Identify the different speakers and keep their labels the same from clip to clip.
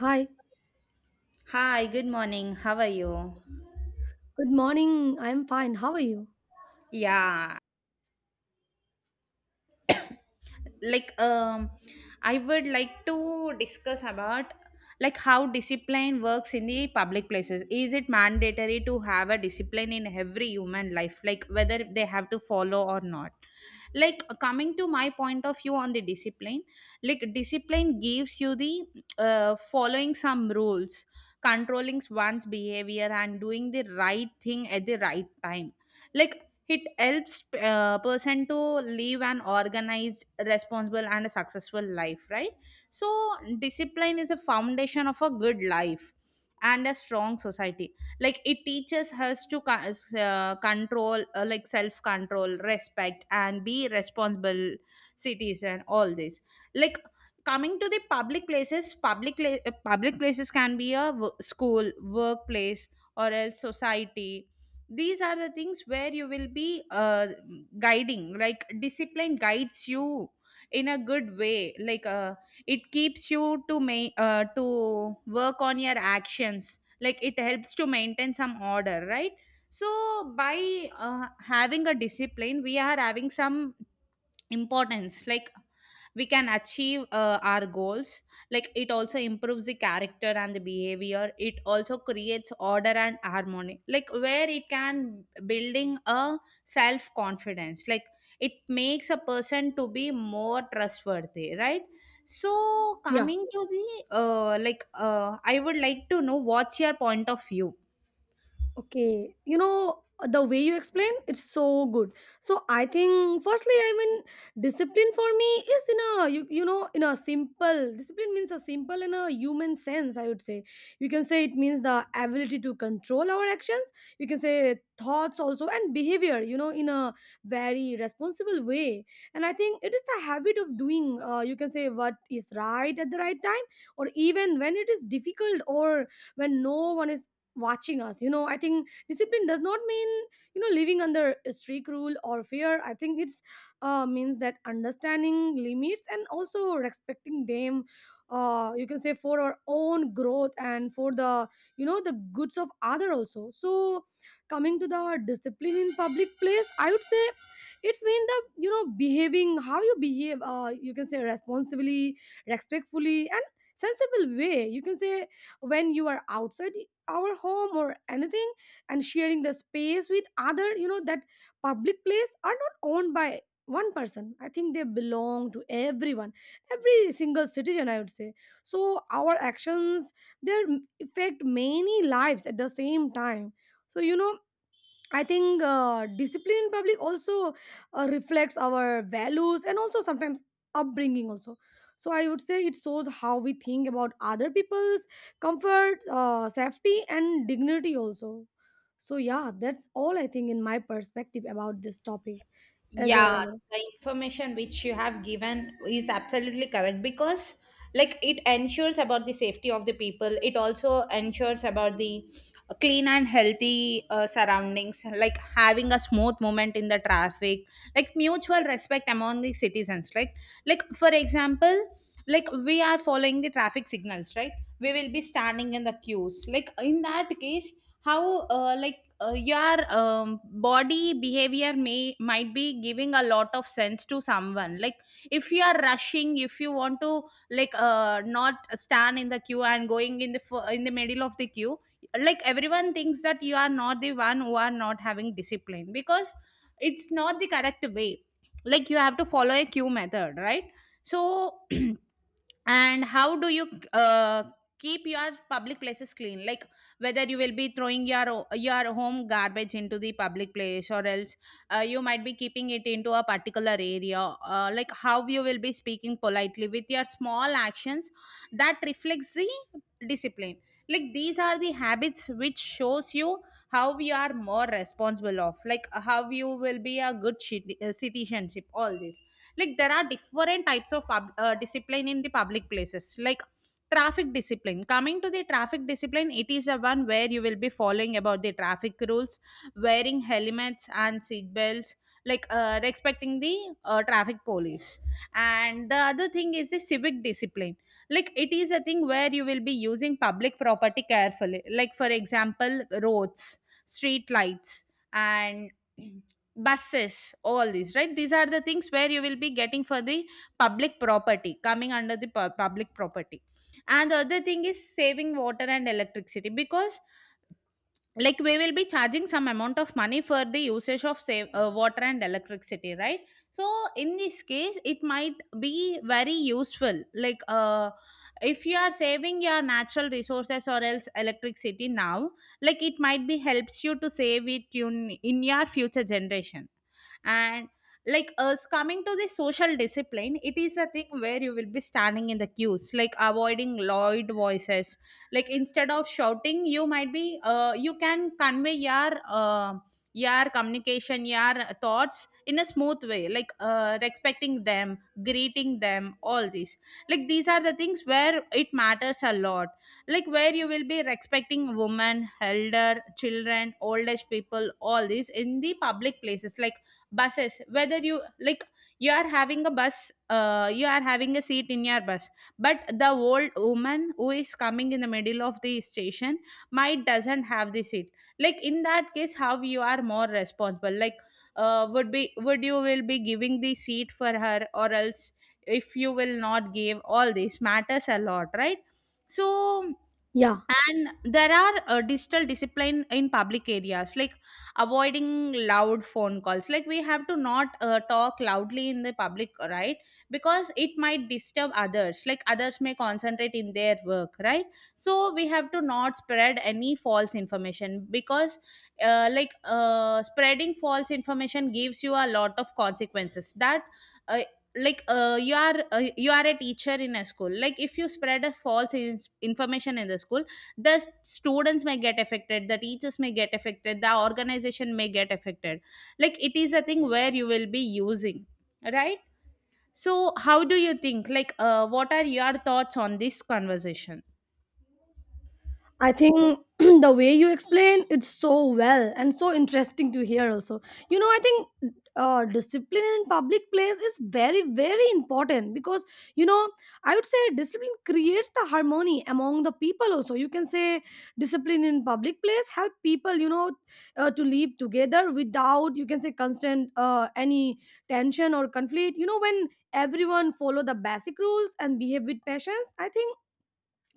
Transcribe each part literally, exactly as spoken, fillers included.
Speaker 1: Hi,
Speaker 2: Hi, good morning. How are you?
Speaker 1: good morning. I'm fine. How are you?
Speaker 2: Yeah, like um I would like to discuss about like how discipline works in the public places. Is it mandatory to have a discipline in every human life, like whether they have to follow or not? Like coming to my point of view on the discipline, like discipline gives you the uh, following some rules, controlling one's behavior and doing the right thing at the right time, like it helps a person to live an organized, responsible and a successful life, right? So discipline is a foundation of a good life and a strong society. Like it teaches us to co- uh, control, uh, like self control, respect and be responsible citizen, all this. Like coming to the public places, public la- uh, public places can be a w- school, workplace or else society. These are the things where you will be uh, guiding, like discipline guides you in a good way. Like uh, it keeps you to ma- uh, to work on your actions. Like it helps to maintain some order, right? So by uh, having a discipline, we are having some importance. Like we can achieve uh, our goals. Like it also improves the character and the behavior. It also creates order and harmony, like where it can building a self confidence. Like it makes a person to be more trustworthy, right? So
Speaker 1: Yeah.
Speaker 2: coming to the uh, like uh, I would like to know what's your point of view.
Speaker 1: Okay, you know, the way you explain it's so good. So I think firstly, I mean, discipline for me is in a you you know in a simple, discipline means a simple, in a human sense, I would say you can say it means the ability to control our actions. You can say thoughts also, and behavior. You know, in a very responsible way. And I think it is the habit of doing Uh, you can say what is right at the right time, or even when it is difficult, or when no one is watching us you know I think discipline does not mean, you know, living under strict rule or fear. I think it's uh, means that understanding limits and also respecting them, uh, you can say, for our own growth and for the, you know, the goods of other also. So coming to the discipline in public place, I would say it's mean the, you know, behaving how you behave, uh, you can say, responsibly, respectfully, and sensible way, you can say, when you are outside our home or anything, and sharing the space with other. You know that public place are not owned by one person. I think they belong to everyone, every single citizen, I would say. So our actions, they affect many lives at the same time. So, you know, I think uh, discipline in public also uh, reflects our values and also sometimes upbringing also. So I would say it shows how we think about other people's comforts, uh, safety, and dignity also. So yeah, that's all I think in my perspective about this topic. As a
Speaker 2: Yeah, the information which you have given is absolutely correct, because like it ensures about the safety of the people. It also ensures about the clean and healthy uh, surroundings, like having a smooth movement in the traffic, like mutual respect among the citizens, right? Like for example, like we are following the traffic signals, right? We will be standing in the queues. Like in that case, how uh, like uh, your um, body behavior may might be giving a lot of sense to someone. Like if you are rushing, if you want to like uh, not stand in the queue and going in the fir- in the middle of the queue, like everyone thinks that you are not the one who are not having discipline, because it's not the correct way. Like you have to follow a queue method, right? So and how do you uh, keep your public places clean? Like whether you will be throwing your o- your home garbage into the public place, or else uh, you might be keeping it into a particular area. Uh, like how you will be speaking politely with your small actions, that reflects the discipline. Like these are the habits which shows you how we are more responsible of, like how you will be a good citi- uh, citizenship, all this. Like there are different types of pub, uh, discipline in the public places, like traffic discipline. Coming to the traffic discipline, it is the one where you will be following about the traffic rules, wearing helmets and seat belts, like uh, respecting the uh, traffic police. And the other thing is the civic discipline. Like it is a thing where you will be using public property carefully, like for example roads, street lights and buses, all these, right? These are the things where you will be getting for the public property, coming under the pu- public property. And the other thing is saving water and electricity, because like we will be charging some amount of money for the usage of save, uh, water and electricity, right? So in this case it might be very useful. Like uh, if you are saving your natural resources or else electricity now, like it might be helps you to save it in in your future generation. And like us coming to the social discipline, it is a thing where you will be standing in the queues, like avoiding loud voices. Like instead of shouting, you might be uh, you can convey your uh, your communication, your thoughts in a smooth way, like uh, respecting them, greeting them, all these. Like these are the things where it matters a lot, like where you will be respecting women, elder, children, old age people, all this in the public places, like buses. Whether you like you are having a bus, uh, you are having a seat in your bus, but the old woman who is coming in the middle of the station might doesn't have the seat. Like in that case, how you are more responsible, like uh, would be would you will be giving the seat for her or else if you will not give, all this matters a lot, right? So
Speaker 1: yeah.
Speaker 2: and there are uh, digital discipline in public areas, like avoiding loud phone calls. Like we have to not uh, talk loudly in the public, right? Because it might disturb others, like others may concentrate in their work, right? So we have to not spread any false information, because uh, like uh, spreading false information gives you a lot of consequences that uh, like uh, you are uh, you are a teacher in a school, like if you spread a false in- information in the school, the students may get affected, the teachers may get affected, the organization may get affected. Like it is a thing where you will be using, right? So how do you think, like uh, what are your thoughts on this conversation?
Speaker 1: I think the way you explain it's so well and so interesting to hear also. You know, I think uh, discipline in public place is very, very important because, you know, I would say discipline creates the harmony among the people also. You can say discipline in public place help people, you know, uh, to live together without, you can say, constant uh, any tension or conflict. You know, when everyone follow the basic rules and behave with patience, I think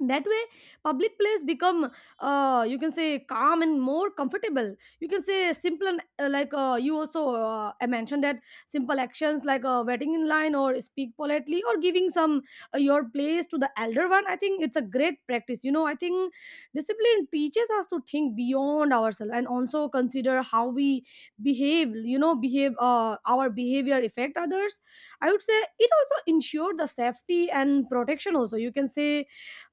Speaker 1: that way public place become, uh, you can say, calm and more comfortable. You can say simple and uh, like uh, you also uh, I mentioned that simple actions like uh, waiting in line or speak politely or giving some uh, your place to the elder one. I think it's a great practice, you know. I think discipline teaches us to think beyond ourselves and also consider how we behave, you know, behave uh, our behavior affect others. I would say it also ensure the safety and protection also. You can say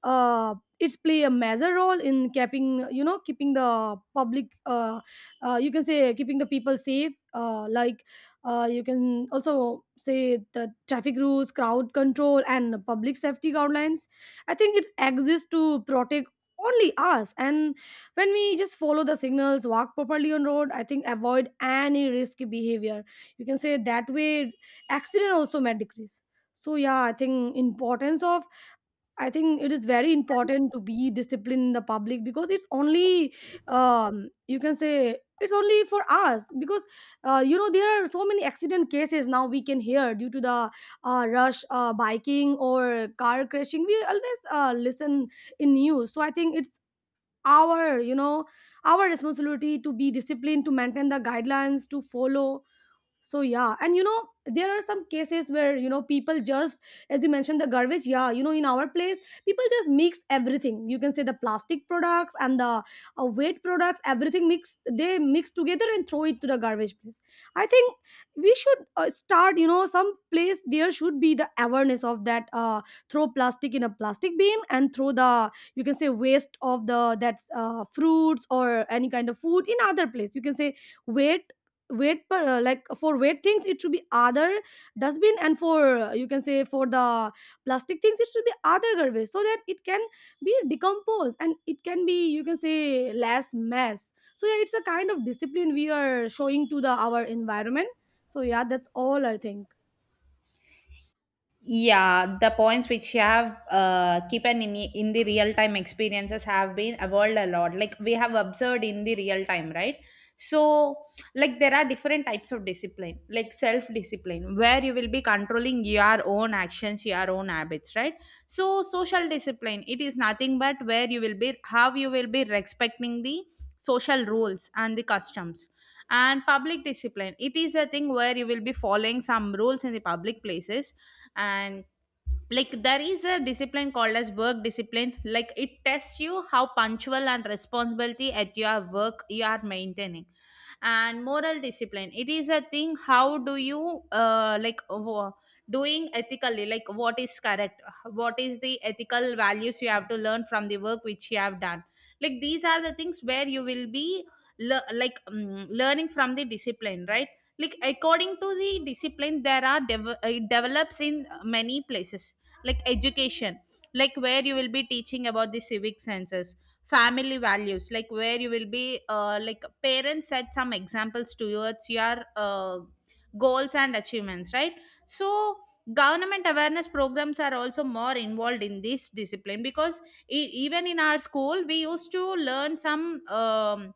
Speaker 1: uh, it's play a major role in keeping, you know, keeping the public uh, uh, you can say keeping the people safe, uh, like uh, you can also say the traffic rules, crowd control, and public safety guidelines. I think it exists to protect only us, and when we just follow the signals, walk properly on road, I think avoid any risky behavior, you can say, that way accident also might decrease. So yeah, I think importance of, I think it is very important to be disciplined in the public because it's only, um, you can say, it's only for us, because uh, you know, there are so many accident cases now we can hear due to the uh, rush, uh, biking or car crashing. We always uh, listen in news, so I think it's our, you know, our responsibility to be disciplined, to maintain the guidelines, to follow. So yeah, and you know, there are some cases where, you know, people just, as you mentioned, the garbage, yeah, you know, in our place, people just mix everything. You can say the plastic products and the uh, weight products, everything mix, they mix together and throw it to the garbage place. I think we should uh, start, you know, some place there should be the awareness of that, uh, throw plastic in a plastic bin, and throw the, you can say, waste of the, that's uh, fruits or any kind of food in other place. You can say weight weight per uh, like, for weight things it should be other dustbin, and for, uh, you can say for the plastic things it should be other garbage, so that it can be decomposed and it can be, you can say, less mess. So yeah, it's a kind of discipline we are showing to the our environment. So yeah, that's all I think.
Speaker 2: Yeah, the points which have uh, kept in in the real time experiences have been evolved a lot, like we have observed in the real time, right? So like there are different types of discipline, like self discipline, where you will be controlling your own actions, your own habits, right? So social discipline, it is nothing but where you will be how you will be respecting the social rules and the customs. And public discipline, it is a thing where you will be following some rules in the public places. And like there is a discipline called as work discipline, like it tests you how punctual and responsibility at your work you are maintaining. And moral discipline, it is a thing how do you uh, like wo- doing ethically, like what is correct, what is the ethical values you have to learn from the work which you have done. Like these are the things where you will be le- like um, learning from the discipline, right? Like according to the discipline there are dev- it develops in many places, like education, like where you will be teaching about the civic senses, family values, like where you will be uh, like parents set some examples towards your uh, goals and achievements, right? So government awareness programs are also more involved in this discipline, because e- even in our school we used to learn some um,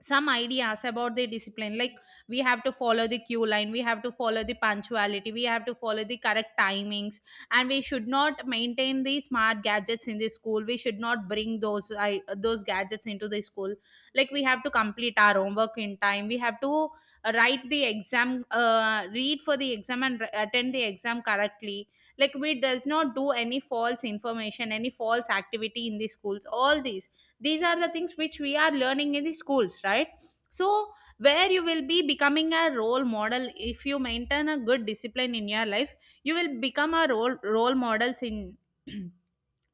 Speaker 2: some ideas about the discipline, like we have to follow the queue line, we have to follow the punctuality, we have to follow the correct timings. And we should not maintain the smart gadgets in the school, we should not bring those I, those gadgets into the school. Like we have to complete our homework in time, we have to write the exam, uh, read for the exam and r- attend the exam correctly. Like we does not do any false information, any false activity in the schools, all these these are the things which we are learning in the schools, right? So where you will be becoming a role model. If you maintain a good discipline in your life, you will become a role role models in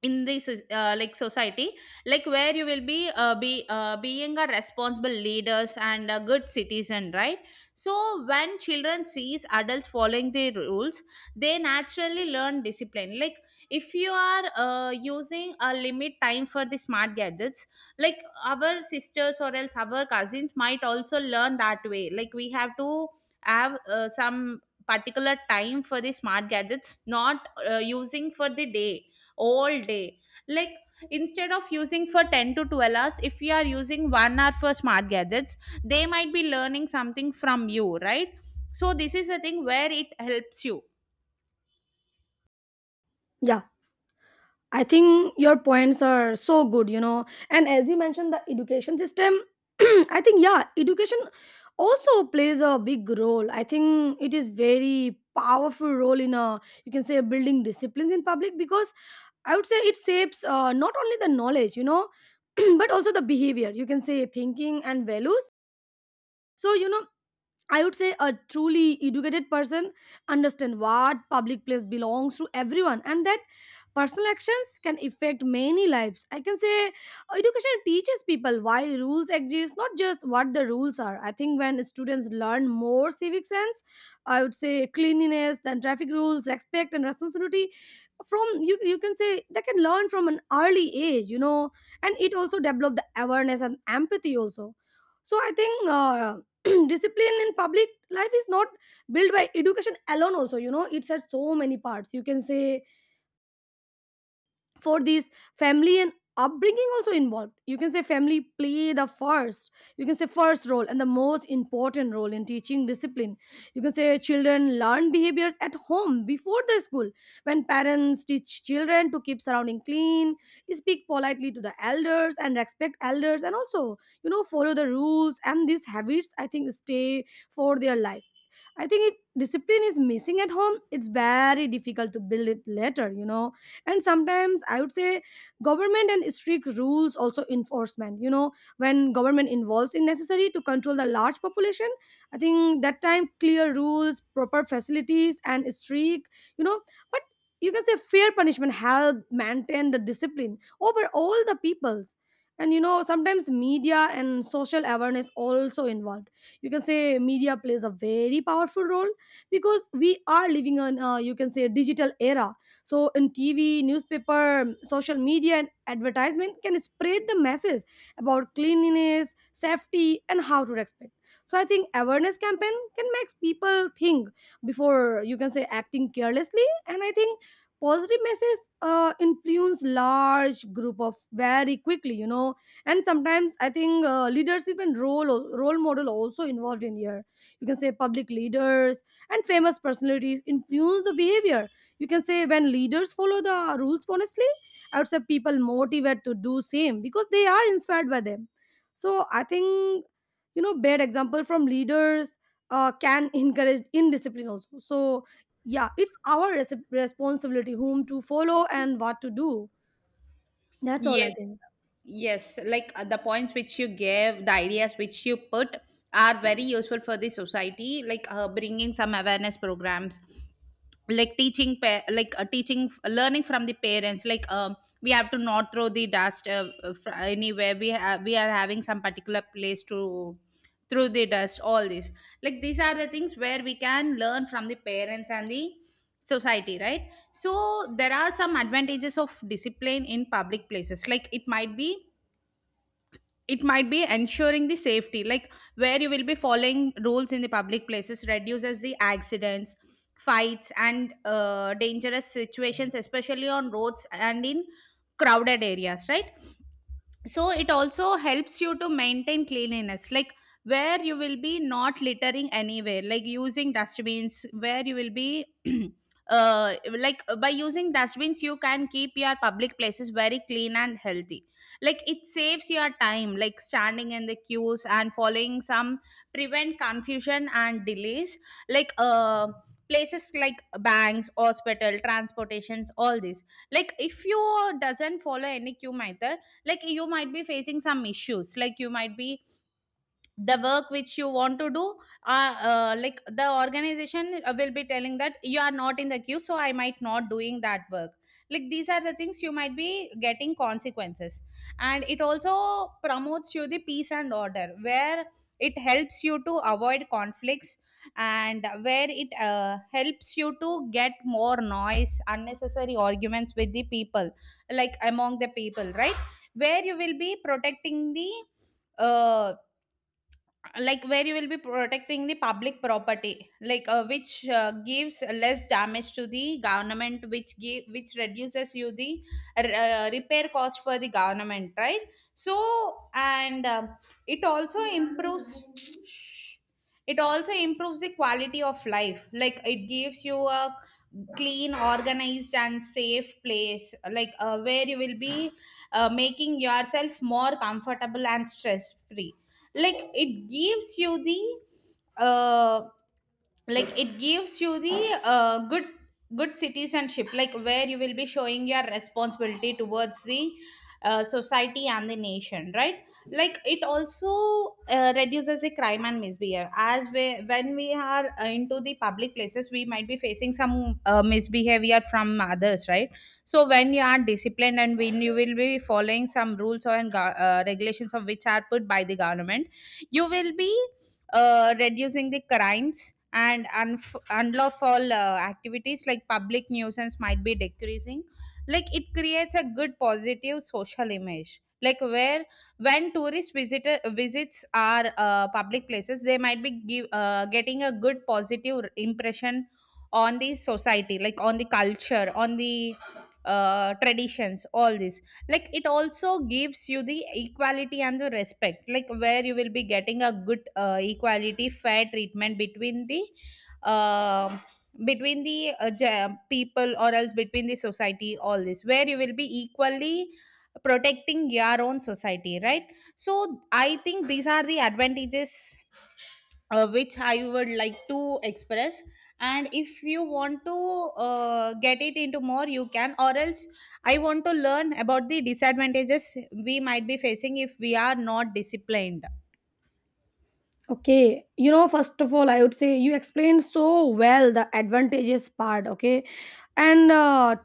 Speaker 2: in this uh, like society, like where you will be uh, be uh, being a responsible leaders and a good citizen, right? So when children sees adults following the rules, they naturally learn discipline. Like if you are uh, using a limit time for the smart gadgets, like our sisters or else our cousins might also learn that way. Like we have to have uh, some particular time for the smart gadgets, not uh, using for the day, all day. Like instead of using for ten to twelve hours, if we are using one hour for smart gadgets, they might be learning something from you, right? So this is the thing where it helps you.
Speaker 1: Yeah, I think your points are so good, you know. And as you mentioned, the education system, I think, yeah, education also plays a big role. I think it is very powerful role in a, you can say, building disciplines in public, because I would say it shapes, uh, not only the knowledge, you know, but also the behavior. You can say thinking and values. So you know, I would say a truly educated person understand what public place belongs to everyone, and that personal actions can affect many lives. I can say education teaches people why rules exist, not just what the rules are. I think when students learn more civic sense, I would say cleanliness, then traffic rules, respect and responsibility from you you can say they can learn from an early age, you know, and it also develop the awareness and empathy also. So I think uh, discipline in public life is not built by education alone also. You know, it's at so many parts, you can say, for this family and upbringing also involved. You can say family play the first, you can say first role and the most important role in teaching discipline. You can say children learn behaviors at home before the school. When parents teach children to keep surrounding clean, speak politely to the elders and respect elders, and also, you know, follow the rules, and these habits, I think, stay for their life. I think if discipline is missing at home, it's very difficult to build it later, you know. And sometimes I would say government and strict rules also enforcement, you know, when government involves in necessary to control the large population, I think that time clear rules, proper facilities, and strict, you know, but, you can say, fair punishment help maintain the discipline over all the peoples. And you know, sometimes media and social awareness also involved. You can say media plays a very powerful role, because we are living in, uh, you can say, digital era. So in TV, newspaper, social media, and advertisement can spread the message about cleanliness, safety, and how to respect. So I think awareness campaign can make people think before, you can say, acting carelessly. And I think positive messages uh, influence large group of very quickly, you know. And sometimes I think uh, leadership and role role model also involved in here. You can say public leaders and famous personalities influence the behavior. You can say when leaders follow the rules honestly, I would say people motivate to do same because they are inspired by them. So I think, you know, bad example from leaders uh, can encourage indiscipline also. So yeah, it's our res- responsibility whom to follow and what to do. That's all I
Speaker 2: Yes,
Speaker 1: think.
Speaker 2: yes. Like uh, the points which you gave, the ideas which you put are very useful for the society, like uh, bringing some awareness programs like teaching pa- like uh, teaching learning from the parents like um we have to not throw the dust uh, fr- anywhere we have we are having some particular place to throw the dust all this. Like these are the things where we can learn from the parents and the society, right? So there are some advantages of discipline in public places. Like it might be it might be ensuring the safety, like where you will be following rules in the public places, reduces the accidents, fights and uh, dangerous situations, especially on roads and in crowded areas, right? So it also helps you to maintain cleanliness, like where you will be not littering anywhere, like using dustbins, where you will be uh like by using dustbins you can keep your public places very clean and healthy. Like it saves your time, like standing in the queues and following some, prevent confusion and delays. Like uh places like banks, hospital, transportations, all this. Like if you doesn't follow any queue method, like you might be facing some issues, like you might be the work which you want to do, uh, uh, like the organization uh, will be telling that you are not in the queue, so I might not doing that work. Like these are the things you might be getting consequences. And it also promotes you the peace and order, where it helps you to avoid conflicts, and where it uh, helps you to get more noise, unnecessary arguments with the people, like among the people, right? where you will be protecting the uh, like where you will be protecting the public property, like uh, which uh, gives less damage to the government, which give which reduces you the uh, repair cost for the government, right? So, and um it also improves it also improves the quality of life. Like it gives you a clean, organized and safe place, like uh, where you will be uh, making yourself more comfortable and stress free. Like it gives you the uh, like it gives you the uh, good good citizenship, like where you will be showing your responsibility towards the uh, society and the nation, right? Like it also uh, reduces the crime and misbehavior, as we when we are uh, into the public places, we might be facing some uh, misbehavior from others, right? So when you are disciplined and when you will be following some rules or uh, regulations of which are put by the government, you will be uh, reducing the crimes and unf- unlawful uh, activities, like public nuisance might be decreasing. Like it creates a good positive social image, like where when tourist, visitor visits our uh, public places, they might be give, uh, getting a good positive impression on the society, like on the culture, on the uh, traditions, all this. Like it also gives you the equality and the respect, like where you will be getting a good uh, equality fair treatment between the uh, between the uh, ge- people, or else between the society, all this, where you will be equally protecting your own society, right? So I think these are the advantages uh, which I would like to express. And if you want to uh, get it into more, you can, or else I want to learn about the disadvantages we might be facing if we are not disciplined.
Speaker 1: Okay, you know, first of all, I would say you explained so well the advantages part, okay? And uh,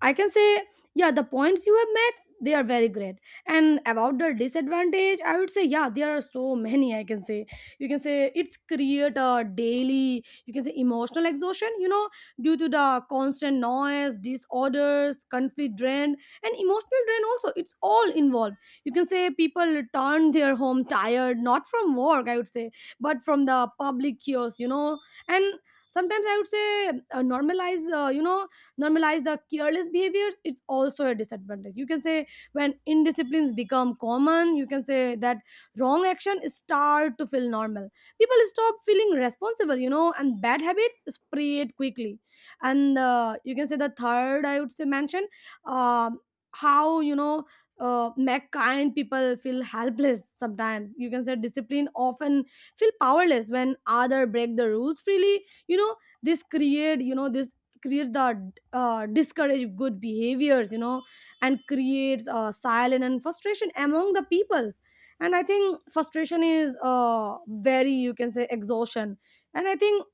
Speaker 1: I can say, yeah, the points you have made, they are very great. And about the disadvantage, I would say, yeah, there are so many, I can say. You can say it's create a daily, you can say emotional exhaustion, you know, due to the constant noise, disorders, conflict drain, and emotional drain also. It's all involved, you can say people return their home tired not from work, I would say, but from the public chaos, you know. And sometimes I would say uh, normalize, uh, you know, normalize the careless behaviors. It's also a disadvantage, you can say. When indisciplines become common, you can say that wrong action start to feel normal. People stop feeling responsible, you know, and bad habits spread quickly. And uh, You can say the third I would say mention, um how, you know, uh, make kind people feel helpless. Sometimes you can say discipline often feel powerless when other break the rules freely, you know. This create you know this creates the, uh, discourage good behaviors, you know, and creates uh, silence and frustration among the peoples. And I think frustration is uh, very, you can say, exhaustion. And I think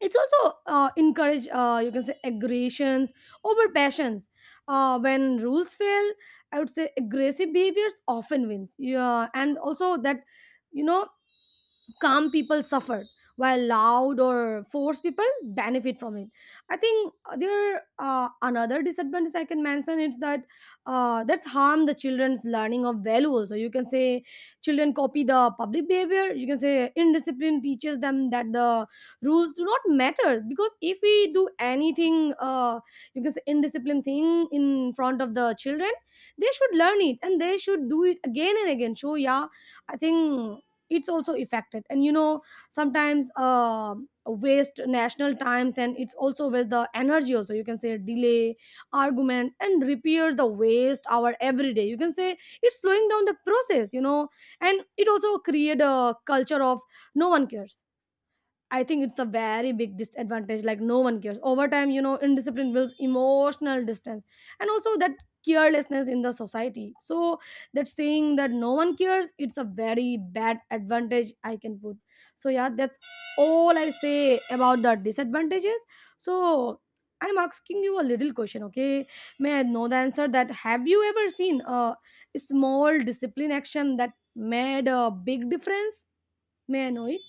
Speaker 1: it's also, uh, encourage, uh, you can say aggressions over passions. Uh, when rules fail, I would say aggressive behaviors often wins, yeah. And also that, you know, calm people suffer while loud or forced people benefit from it. I think there, uh, another disadvantage I can mention is that, uh, that's harm the children's learning of values. So you can say children copy the public behavior. You can say indiscipline teaches them that the rules do not matter, because if we do anything, uh, you can say indiscipline thing in front of the children, they should learn it and they should do it again and again. So yeah, I think it's also affected. And you know, sometimes, uh, waste national times, and it's also waste the energy also, you can say, delay argument and repair the waste our every day. You can say it's slowing down the process, you know. And it also create a culture of no one cares. I think it's a very big disadvantage. Like no one cares. Over time, you know, indiscipline builds emotional distance, and also that carelessness in the society. So that saying that no one cares, it's a very bad advantage I can put. So yeah, that's all I say about the disadvantages. So I'm asking you a little question, okay? May I know the answer? That have you ever seen a small discipline action that made a big difference? May I know it?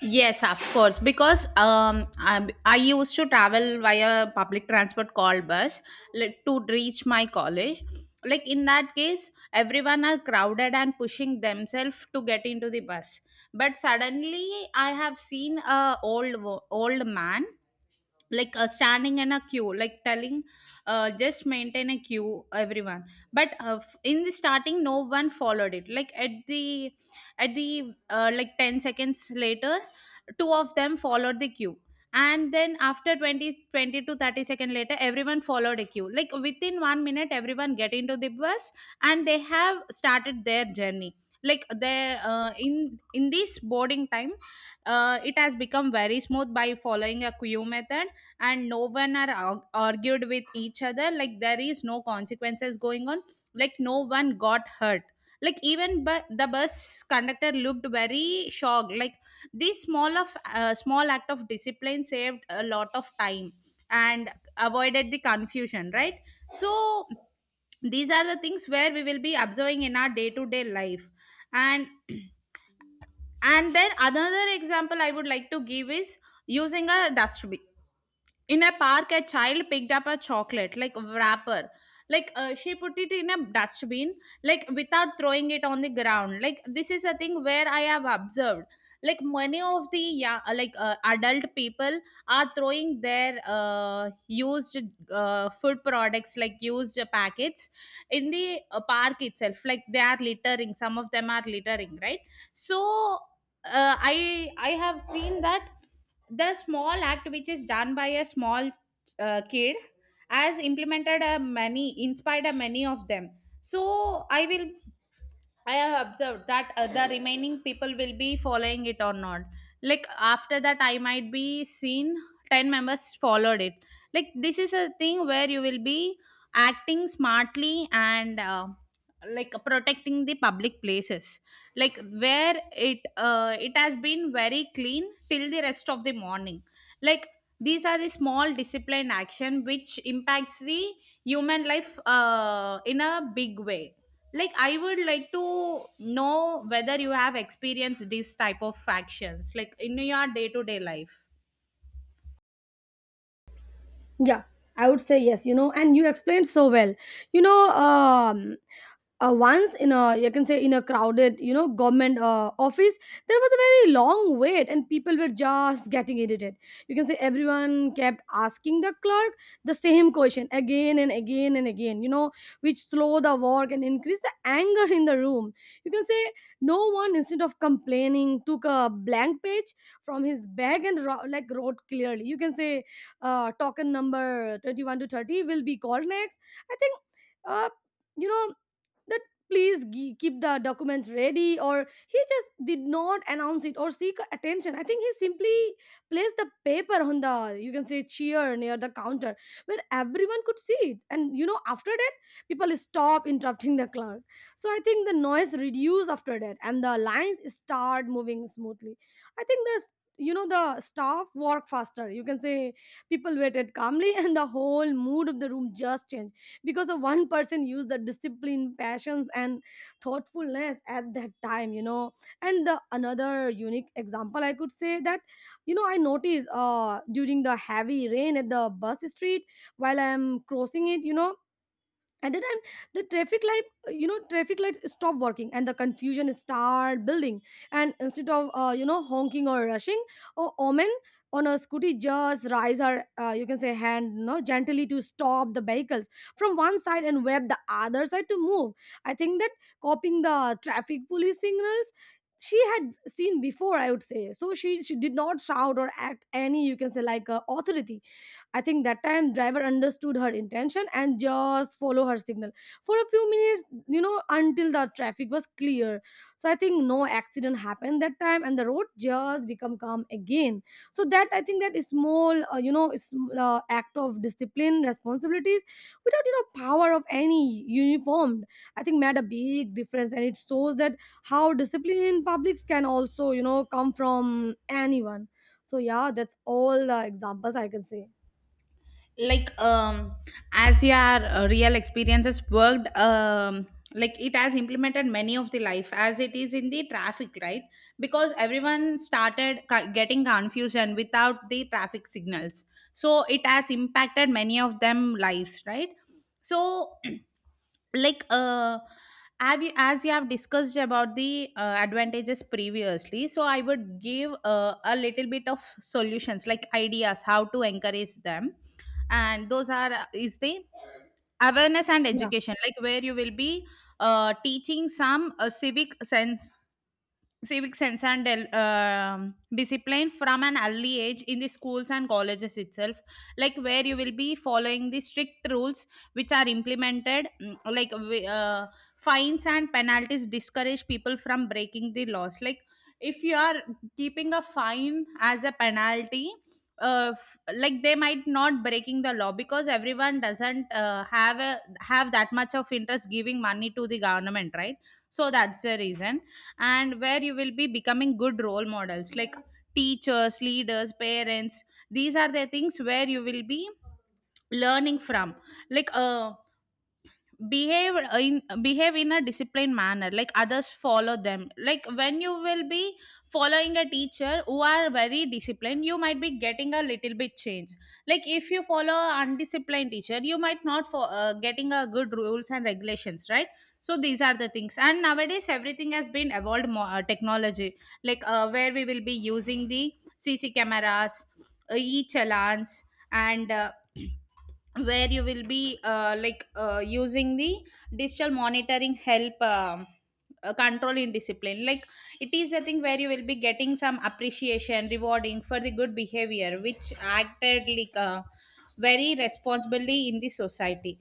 Speaker 2: Yes, of course. Because um, I, I used to travel via public transport called bus, like, to reach my college. Like in that case, everyone are crowded and pushing themselves to get into the bus. But suddenly, I have seen a old wo- old man like uh, standing in a queue, like telling, uh, just maintain a queue, everyone. But uh, f- in the starting no one followed it, like at the at the uh, like ten seconds later, two of them followed the queue. And then after twenty, twenty 20 to thirty second later, everyone followed a queue, like within one minute everyone get into the bus and they have started their journey. Like they uh, in in this boarding time, uh, it has become very smooth by following a queue method, and no one are arg- argued with each other, like there is no consequences going on, like no one got hurt. Like even but the bus conductor looked very shocked, like this small of uh, small act of discipline saved a lot of time and avoided the confusion, right? So these are the things where we will be observing in our day to day life. And and then another example I would like to give is using a dustbin. In a park, a child picked up a chocolate like wrapper. Like uh, she put it in a dustbin, like without throwing it on the ground. Like this is a thing where I have observed. Like many of the, yeah, like uh, adult people are throwing their uh, used uh, food products, like used packets, in the uh, park itself. Like they are littering. Some of them are littering, right? So uh, i i have seen that the small act which is done by a small uh, kid has implemented a many inspired a many of them. so i will I have observed that uh, the remaining people will be following it or not. Like after that, I might be seen ten members followed it. Like this is a thing where you will be acting smartly and uh, like protecting the public places, like where it uh, it has been very clean till the rest of the morning. Like these are the small discipline action which impacts the human life uh, in a big way. Like I would like to know whether you have experienced these type of actions like in your day to day life.
Speaker 1: Yeah, I would say yes, you know, and you explained so well. You know, um, uh, once in a, you can say, in a crowded, you know, government uh, office, there was a very long wait and people were just getting irritated. You can say everyone kept asking the clerk the same question again and again and again, you know, which slow the work and increase the anger in the room. You can say no one, instead of complaining, took a blank page from his bag and ro- like wrote clearly, you can say, uh, token number twenty-one to thirty will be called next. I think, uh, you know, that please gi- keep the documents ready. Or he just did not announce it or seek attention. I think he simply placed the paper on the, you can say, chair near the counter where everyone could see it. And you know, after that people stop interrupting the clerk. So I think the noise reduce after that and the lines start moving smoothly. I think this, you know, the staff work faster, you can say. People waited calmly, and the whole mood of the room just changed because of one person used the discipline, passions, and thoughtfulness at that time. You know, and the another unique example I could say that, you know, I noticed uh, during the heavy rain at the bus street while I'm crossing it. You know, at the time the traffic light, you know, traffic lights stop working and the confusion start building. And instead of, uh, you know, honking or rushing or omen on a scooty, just raise her, uh, you can say, hand, you know, gently to stop the vehicles from one side and web the other side to move. I think that copying the traffic police signals she had seen before, I would say. So she, she did not shout or act any, you can say, like uh, authority. I think that time driver understood her intention and just follow her signal for a few minutes, you know, until the traffic was clear. So I think no accident happened that time and the road just become calm again. So that I think that is small, uh, you know, is, uh, act of discipline, responsibilities without, you know, power of any uniformed, I think made a big difference. And it shows that how discipline in publics can also, you know, come from anyone. So yeah, that's all uh, examples I can say.
Speaker 2: Like um as your uh, real experiences worked, um like it has implemented many of the life, as it is in the traffic, right? Because everyone started ca- getting confusion without the traffic signals, so it has impacted many of them lives, right? So like uh have you, as you have discussed about the uh, advantages previously, so I would give uh, a little bit of solutions, like ideas how to encourage them. And those are uh, is the awareness and
Speaker 1: Yeah,
Speaker 2: education, like where you will be uh, teaching some uh, civic sense civic sense and uh, um, discipline from an early age in the schools and colleges itself, like where you will be following the strict rules which are implemented, mm, like wi- uh, fines and penalties discourage people from breaking the laws. Like if you are keeping a fine as a penalty, uh, f- like they might not breaking the law, because everyone doesn't uh, have a, have that much of interest giving money to the government, right? So that's the reason. And where you will be becoming good role models, like teachers, leaders, parents, these are the things where you will be learning from. Like uh behave in behave in a disciplined manner, like others follow them. Like when you will be following a teacher who are very disciplined, you might be getting a little bit change. Like if you follow undisciplined teacher, you might not for uh, getting a good rules and regulations, right? So these are the things. And nowadays everything has been evolved more uh, technology, like uh, where we will be using the CC cameras, uh, e-challans, and uh, where you will be uh, like uh, using the digital monitoring, help um, uh, control in discipline. Like it is a thing where you will be getting some appreciation, rewarding for the good behavior which acted like uh, very responsibly in the society.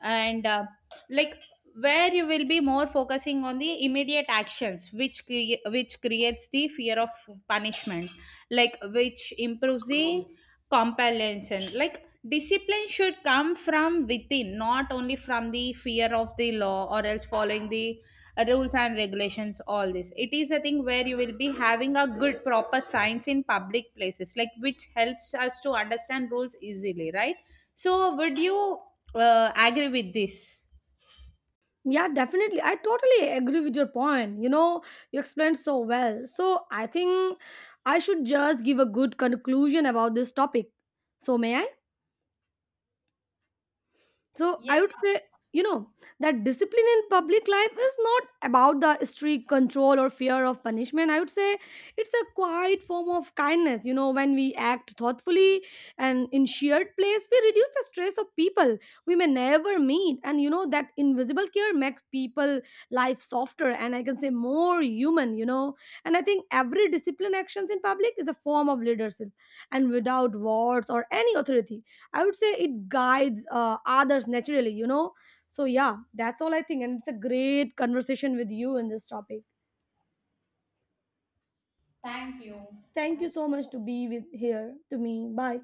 Speaker 2: And uh, like where you will be more focusing on the immediate actions which crea- which creates the fear of punishment, like which improves the compellence, and like discipline should come from within, not only from the fear of the law or else following the uh, rules and regulations, all this. It is a thing where you will be having a good proper science in public places, like which helps us to understand rules easily, right? So would you uh, agree with this?
Speaker 1: yeah, definitely. I totally agree with your point. You know, you explained so well. So I think I should just give a good conclusion about this topic. So may I? So I would
Speaker 2: Yes,
Speaker 1: say, you know, that discipline in public life is not about the strict control or fear of punishment. I would say it's a quiet form of kindness. You know, when we act thoughtfully and in shared place, we reduce the stress of people we may never meet. And you know, that invisible care makes people life softer and I can say more human, you know. And I think every discipline actions in public is a form of leadership, and without words or any authority, I would say it guides uh, others naturally, you know. So yeah, that's all I think, and it's a great conversation with you in this topic.
Speaker 2: thank you.
Speaker 1: Thank you so much to be with here to me. Bye.